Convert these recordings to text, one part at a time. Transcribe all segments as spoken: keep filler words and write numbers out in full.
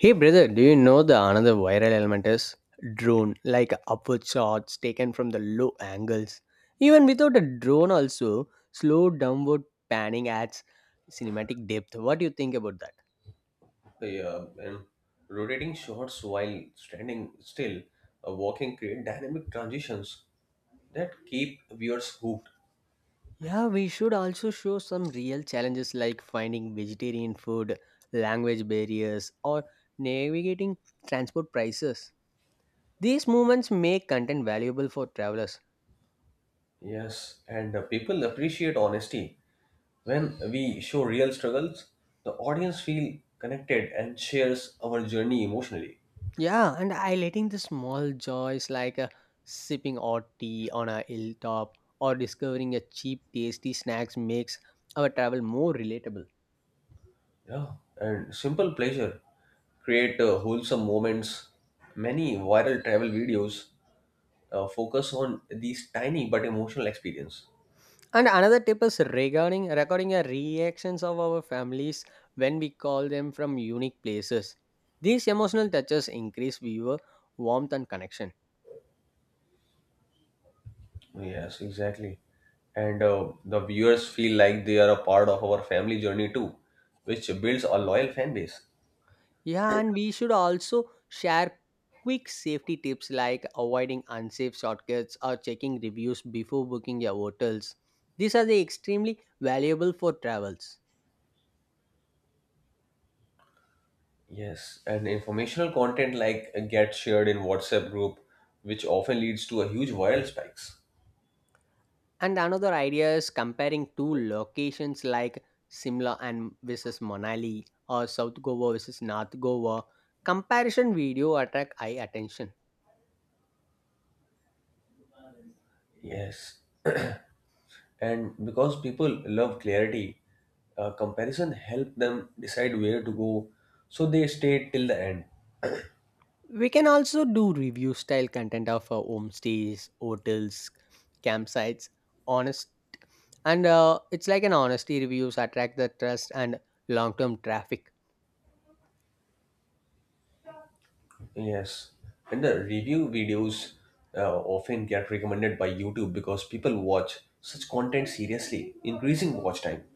Hey brother, do you know the another viral element is drone, like upward shots taken from the low angles. Even without a drone, also slow downward panning adds cinematic depth. What do you think about that? Yeah, and rotating shots while standing still, uh, walking create dynamic transitions that keep viewers hooked. Yeah, we should also show some real challenges like finding vegetarian food, language barriers, or navigating transport prices. These moments make content valuable for travelers. Yes, and uh, people appreciate honesty. When we show real struggles, the audience feel connected and shares our journey emotionally. Yeah, and highlighting the small joys like uh, sipping hot tea on a hilltop or discovering a cheap, tasty snacks makes our travel more relatable. Yeah, and simple pleasure create uh, wholesome moments. Many viral travel videos uh, focus on these tiny but emotional experience. And another tip is regarding recording a reactions of our families when we call them from unique places. These emotional touches increase viewer warmth and connection. Yes, exactly. And uh, the viewers feel like they are a part of our family journey too, which builds a loyal fan base. Yeah, and we should also share quick safety tips like avoiding unsafe shortcuts or checking reviews before booking your hotels. These are the extremely valuable for travels. Yes, and informational content like gets shared in WhatsApp group, which often leads to a huge viral spikes. And another idea is comparing two locations like Simla and versus Manali or South Goa versus North Goa. Comparison video attract eye attention. Yes, and because people love clarity, uh, comparison help them decide where to go, so they stay till the end. We can also do review style content of our homestays, hotels, campsites, honest and uh, it's like an honesty reviews attract the trust and long-term traffic. Yes, and the review videos uh, often get recommended by YouTube because people watch such content seriously, increasing watch time.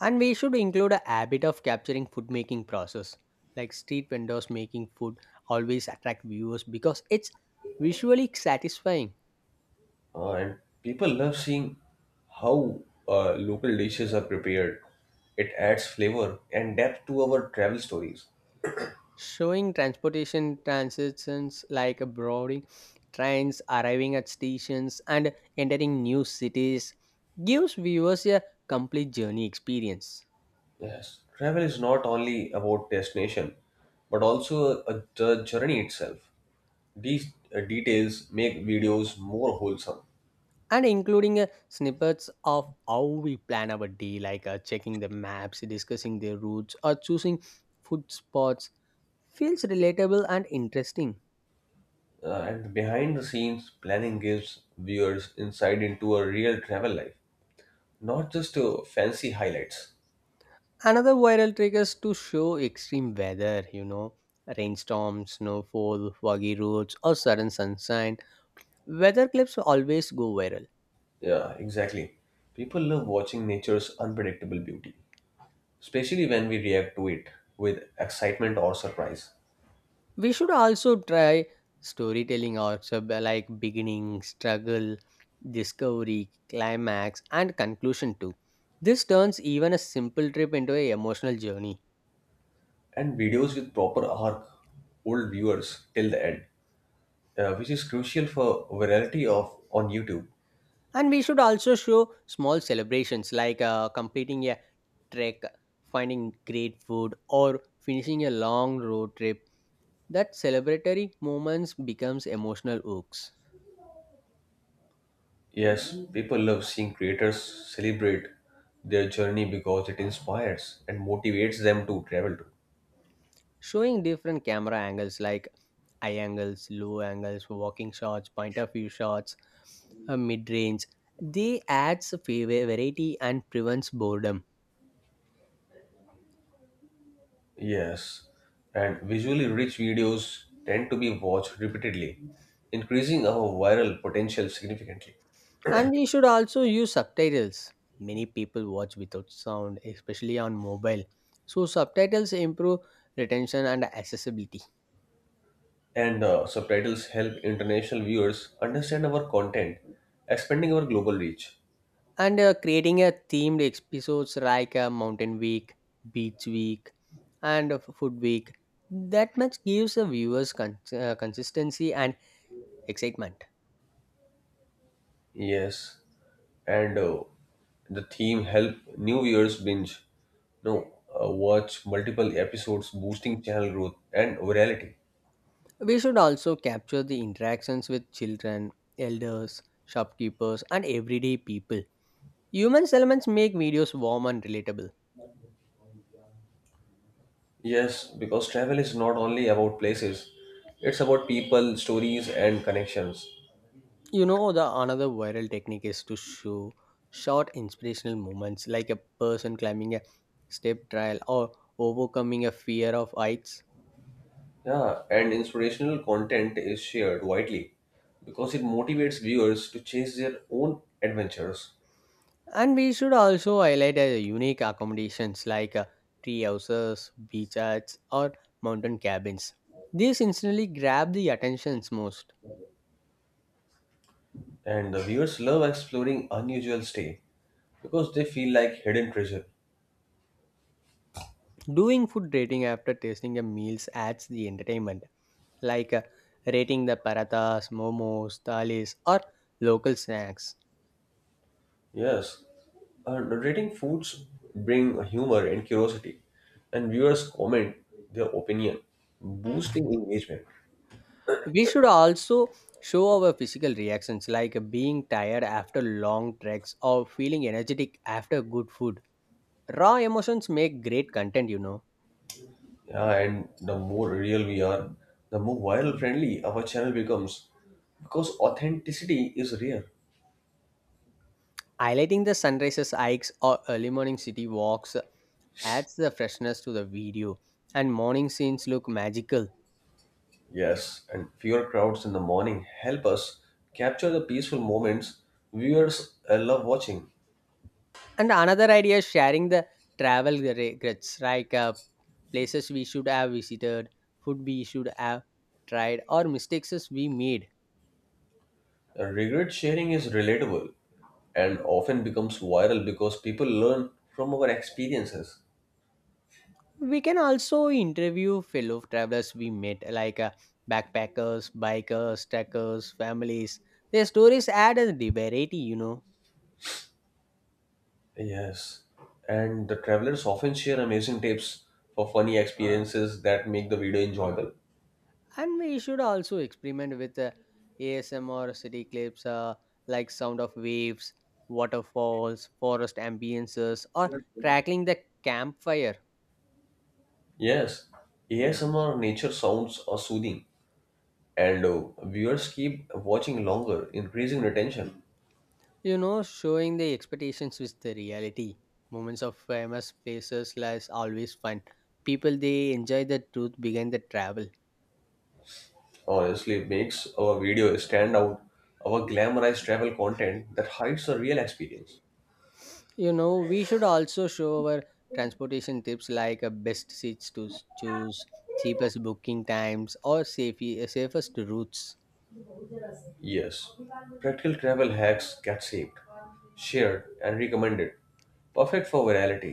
And we should include a habit of capturing food making process like street vendors making food always attract viewers because it's visually satisfying. Uh, and people love seeing how uh, local dishes are prepared. It adds flavor and depth to our travel stories. Showing transportation transitions like abroading trains arriving at stations and entering new cities gives viewers a complete journey experience. Yes, travel is not only about destination, but also uh, the journey itself. These uh, details make videos more wholesome. And including uh, snippets of how we plan our day like uh, checking the maps discussing their routes or choosing food spots feels relatable and interesting. Uh, and behind the scenes planning gives viewers insight into a real travel life, not just uh, fancy highlights. Another viral trick is to show extreme weather, you know, rainstorms snowfall foggy roads or sudden sunshine. Weather clips always go viral. Yeah, exactly. People love watching nature's unpredictable beauty, especially when we react to it with excitement or surprise. We should also try storytelling arcs uh, b- like beginning, struggle, discovery, climax, and conclusion too. This turns even a simple trip into an emotional journey. And videos with proper arc hold viewers till the end, uh, which is crucial for virality of on YouTube. And we should also show small celebrations like uh, completing a trek, finding great food, or finishing a long road trip. That celebratory moments becomes emotional hooks. Yes, people love seeing creators celebrate their journey because it inspires and motivates them to travel too. Showing different camera angles like eye angles, low angles, walking shots, point of view shots, uh, mid range. They adds a fa- variety and prevents boredom. Yes, and visually rich videos tend to be watched repeatedly, increasing our viral potential significantly. And we should also use subtitles. Many people watch without sound, especially on mobile. So subtitles improve retention and accessibility. And uh, subtitles help international viewers understand our content, expanding our global reach. And uh, creating a themed episodes like a mountain week, beach week, and a f- food week, that much gives the viewers con- uh, consistency and excitement. Yes, and uh, the theme help new viewers binge, no, uh, watch multiple episodes, boosting channel growth and virality. We should also capture the interactions with children, elders, shopkeepers, and everyday people. Human elements make videos warm and relatable. Yes, because travel is not only about places, it's about people, stories, and connections. You know the another viral technique is to show short inspirational moments like a person climbing a step trial or overcoming a fear of heights. Yeah, and inspirational content is shared widely because it motivates viewers to chase their own adventures. And we should also highlight uh, unique accommodations like uh, tree houses, beach huts, or mountain cabins. These instantly grab the attentions most. And the viewers love exploring unusual stay because they feel like hidden treasure. Doing food rating after tasting the meals adds the entertainment, like uh, rating the parathas, momos, thalis, or local snacks. Yes, uh, narrating foods bring humor and curiosity, and viewers comment their opinion, boosting engagement. We should also show our physical reactions, like uh, being tired after long treks or feeling energetic after good food. Raw emotions make great content, you know. Yeah, and the more real we are, the more viral friendly our channel becomes because authenticity is rare. Highlighting the sunrises, hikes, or early morning city walks adds the freshness to the video, and morning scenes look magical. Yes, and fewer crowds in the morning help us capture the peaceful moments viewers uh, love watching. And another idea is sharing the travel regrets, like uh, places we should have visited, food we should have tried, or mistakes we made. Uh, Regret sharing is relatable and often becomes viral because people learn from our experiences. We can also interview fellow travelers we met, like uh, backpackers, bikers, trekkers, families. Their stories add a variety, you know. Yes, and the travelers often share amazing tips for funny experiences that make the video enjoyable. And we should also experiment with uh, ASMR city clips, uh, like sound of waves, waterfalls, forest ambiances, or crackling the campfire. Yes, A S M R nature sounds are soothing, and uh, viewers keep watching longer, increasing retention. You know, showing the expectations with the reality moments of famous places is always fun. People they enjoy the truth behind the travel. Honestly makes our video stand out our glamorized travel content that hides the real experience. You know, we should also show our transportation tips like uh, best seats to s- choose, cheapest booking times, or safe, uh, safest routes. Yes, practical travel hacks get saved, shared and recommended, perfect for virality.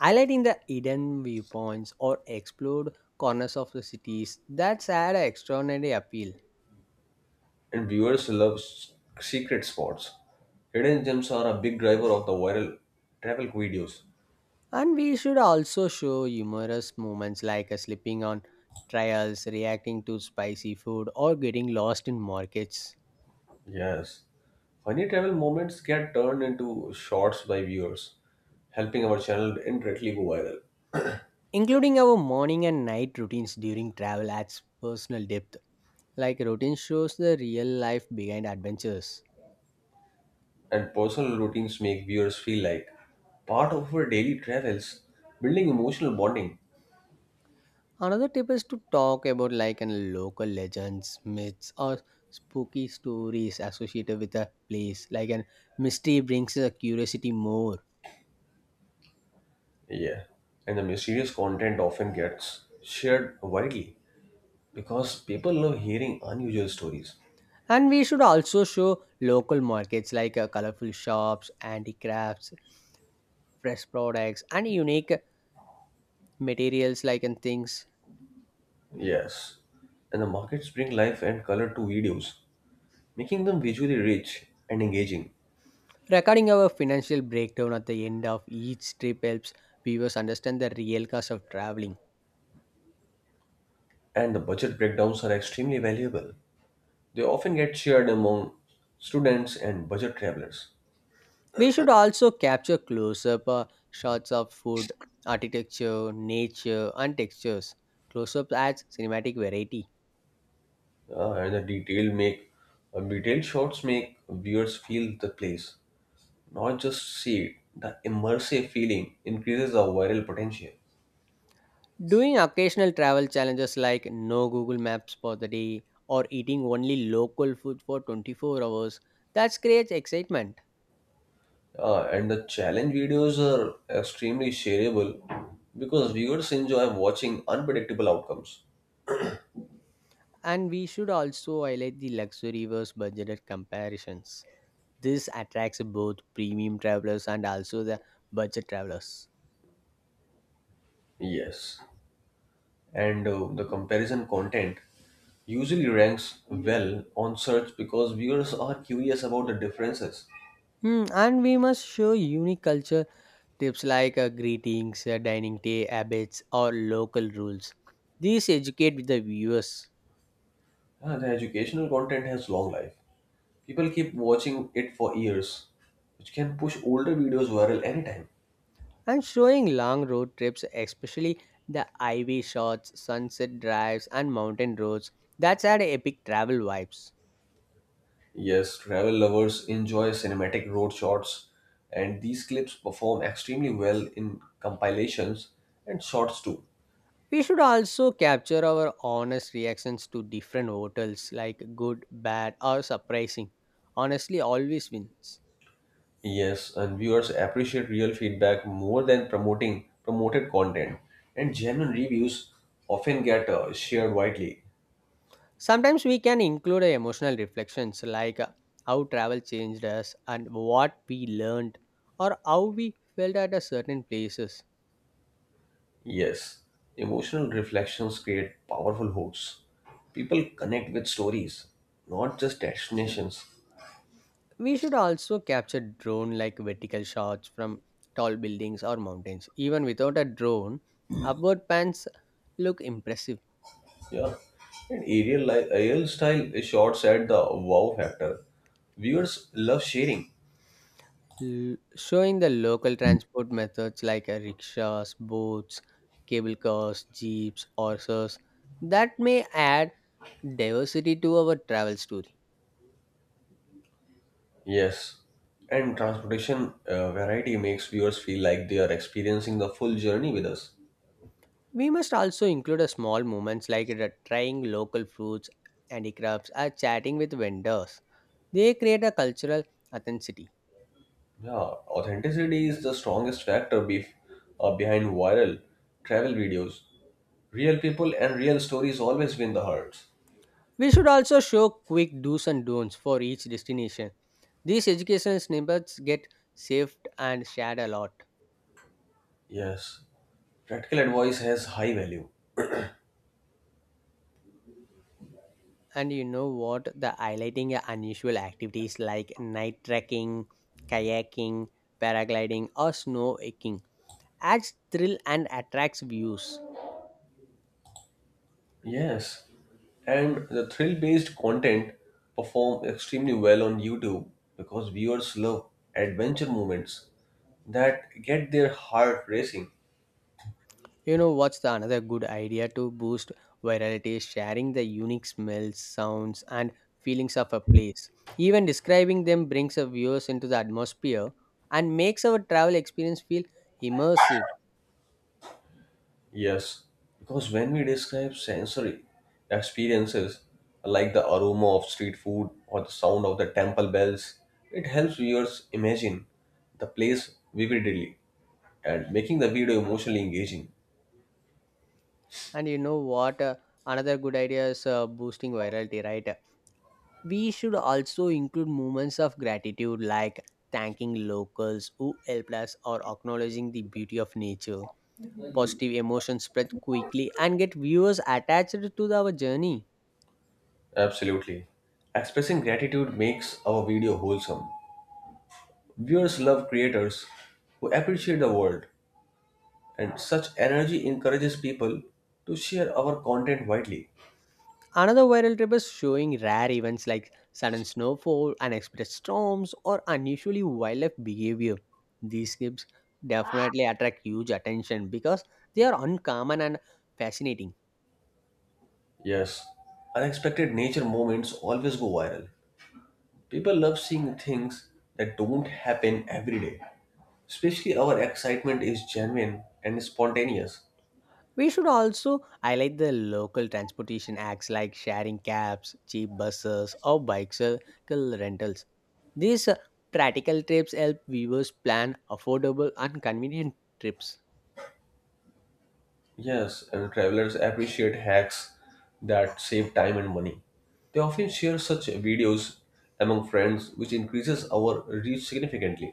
Highlighting the hidden viewpoints or explored corners of the cities that's had an extraordinary appeal. And viewers love s- secret spots. Hidden gems are a big driver of the viral travel videos. And we should also show humorous moments like uh, slipping on trials, reacting to spicy food, or getting lost in markets. Yes, funny travel moments get turned into shorts by viewers, helping our channel indirectly go viral. Including our morning and night routines during travel adds personal depth. Like routine shows the real life behind adventures. And personal routines make viewers feel like part of our daily travels, building emotional bonding. Another tip is to talk about like an local legends, myths, or spooky stories associated with a place. Like an mystery brings a curiosity more. Yeah, and the mysterious content often gets shared widely because people love hearing unusual stories. And we should also show local markets like uh, colorful shops, handicrafts, fresh products, and unique materials like and things. Yes, and the markets bring life and color to videos, making them visually rich and engaging. Recording our financial breakdown at the end of each trip helps viewers understand the real cost of traveling. And the budget breakdowns are extremely valuable. They often get shared among students and budget travelers. We should also capture close up shots of food, architecture, nature, and textures. Close up adds cinematic variety. Uh, and the detail make uh, Detailed shots make viewers feel the place, not just see it. The immersive feeling increases the viral potential. Doing occasional travel challenges like no Google Maps for the day or eating only local food for twenty-four hours, that creates excitement. Uh, and the challenge videos are extremely shareable because viewers enjoy watching unpredictable outcomes. And we should also highlight the luxury versus budgeted comparisons. This attracts both premium travelers and also the budget travelers. Yes, and uh, the comparison content usually ranks well on search because viewers are curious about the differences. Hmm, and we must show unique culture tips like uh, greetings, uh, dining day habits, or local rules. These educate the viewers. Uh, the educational content has long life. People keep watching it for years, which can push older videos viral anytime. And showing long road trips, especially the highway shots, sunset drives, and mountain roads, that's add epic travel vibes. Yes, travel lovers enjoy cinematic road shots, and these clips perform extremely well in compilations and shorts too. We should also capture our honest reactions to different hotels, like good, bad, or surprising. Honestly, always wins. Yes, and viewers appreciate real feedback more than promoting promoted content, and genuine reviews often get uh, shared widely. Sometimes we can include uh, emotional reflections like uh, how travel changed us and what we learned or how we felt at a certain places. Yes, emotional reflections create powerful hooks. People connect with stories, not just destinations. We should also capture drone like vertical shots from tall buildings or mountains. Even without a drone, upward pans look impressive. Yeah, and aerial, li- aerial style shots add the wow factor. Viewers love sharing. L- showing the local transport methods like uh, rickshaws, boats, cable cars, jeeps, horses, that may add diversity to our travel story. Yes, and transportation uh, variety makes viewers feel like they are experiencing the full journey with us. We must also include a small moments like the trying local fruits, handicrafts, or chatting with vendors. They create a cultural authenticity. Yeah, authenticity is the strongest factor bef- uh, behind viral travel videos. Real people and real stories always win the hearts. We should also show quick do's and don'ts for each destination. These educational snippets get saved and shared a lot. Yes, practical advice has high value. And you know what? The highlighting unusual activities like night trekking, kayaking, paragliding, or snow hiking adds thrill and attracts views. Yes, and the thrill-based content perform extremely well on YouTube because viewers love adventure moments that get their heart racing. You know what's the another good idea to boost virality is sharing the unique smells, sounds, and feelings of a place. Even describing them brings our viewers into the atmosphere and makes our travel experience feel immersive. Yes, because when we describe sensory experiences like the aroma of street food or the sound of the temple bells, it helps viewers imagine the place vividly and making the video emotionally engaging. And you know what? Uh, another good idea is uh, boosting virality, right? We should also include moments of gratitude like thanking locals who helped us or acknowledging the beauty of nature. Positive emotions spread quickly and get viewers attached to our journey. Absolutely. Expressing gratitude makes our video wholesome. Viewers love creators who appreciate the world, and such energy encourages people to share our content widely. Another viral trip is showing rare events like sudden snowfall, unexpected storms, or unusually wildlife behavior. These clips definitely attract huge attention because they are uncommon and fascinating. Yes, unexpected nature moments always go viral. People love seeing things that don't happen every day. Especially our excitement is genuine and spontaneous. We should also highlight the local transportation acts like sharing cabs, cheap buses, or bicycle rentals. These uh, practical trips help viewers plan affordable and convenient trips. Yes, and travelers appreciate hacks that save time and money. They often share such videos among friends, which increases our reach significantly.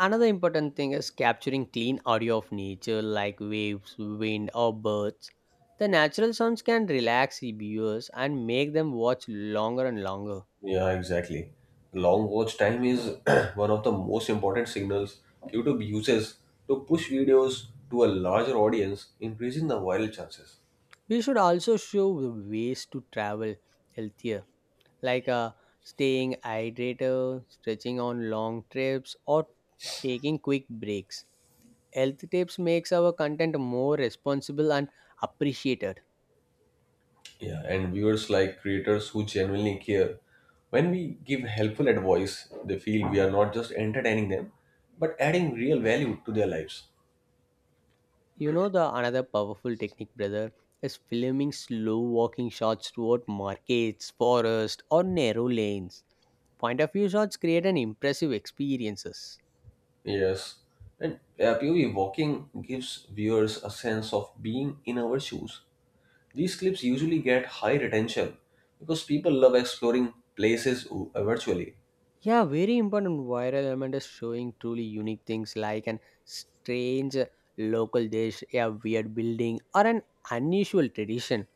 Another important thing is capturing clean audio of nature like waves, wind, or birds. The natural sounds can relax the viewers and make them watch longer and longer. Yeah, exactly. Long watch time is one of the most important signals YouTube uses to push videos to a larger audience, increasing the viral chances. We should also show ways to travel healthier like uh, staying hydrated, stretching on long trips, or taking quick breaks. Health tips makes our content more responsible and appreciated. Yeah, and viewers like creators who genuinely care. When we give helpful advice, they feel we are not just entertaining them, but adding real value to their lives. You know the another powerful technique, brother, is filming slow walking shots toward markets, forest, or narrow lanes. Point of view shots create an impressive experiences. Yes, and uh, P O V walking gives viewers a sense of being in our shoes. These clips usually get high retention because people love exploring places o- uh, virtually. Yeah, very important. Viral element is showing truly unique things like an strange local dish, a weird building, or an unusual tradition.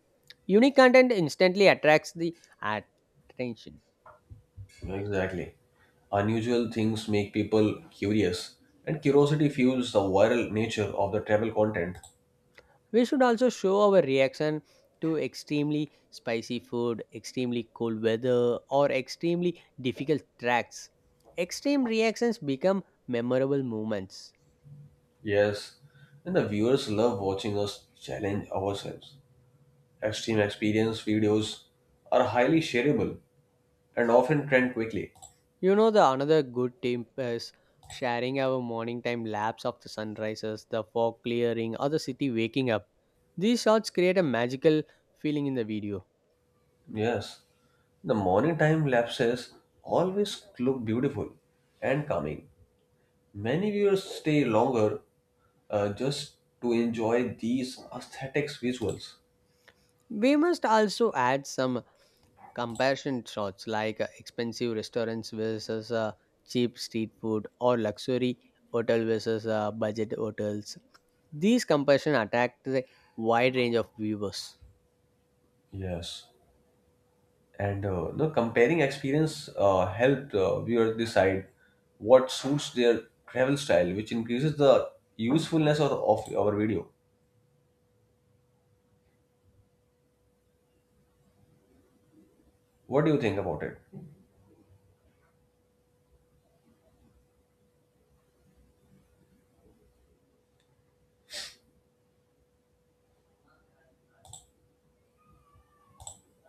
Unique content instantly attracts the attention. Exactly. Unusual things make people curious, and curiosity fuels the viral nature of the travel content. We should also show our reaction to extremely spicy food, extremely cold weather, or extremely difficult tracks. Extreme reactions become memorable moments. Yes, and the viewers love watching us challenge ourselves. Extreme experience videos are highly shareable and often trend quickly. You know, the another good tip is sharing our morning time lapse of the sunrises, the fog clearing, or the city waking up. These shots create a magical feeling in the video. Yes, the morning time lapses always look beautiful and calming. Many viewers stay longer uh, just to enjoy these aesthetics visuals. We must also add some comparison shots like uh, expensive restaurants versus uh, cheap street food or luxury hotel versus uh, budget hotels. These comparison attract a wide range of viewers. Yes, and uh, the comparing experience uh, help uh, viewers decide what suits their travel style, which increases the usefulness of, of our video. What do you think about it?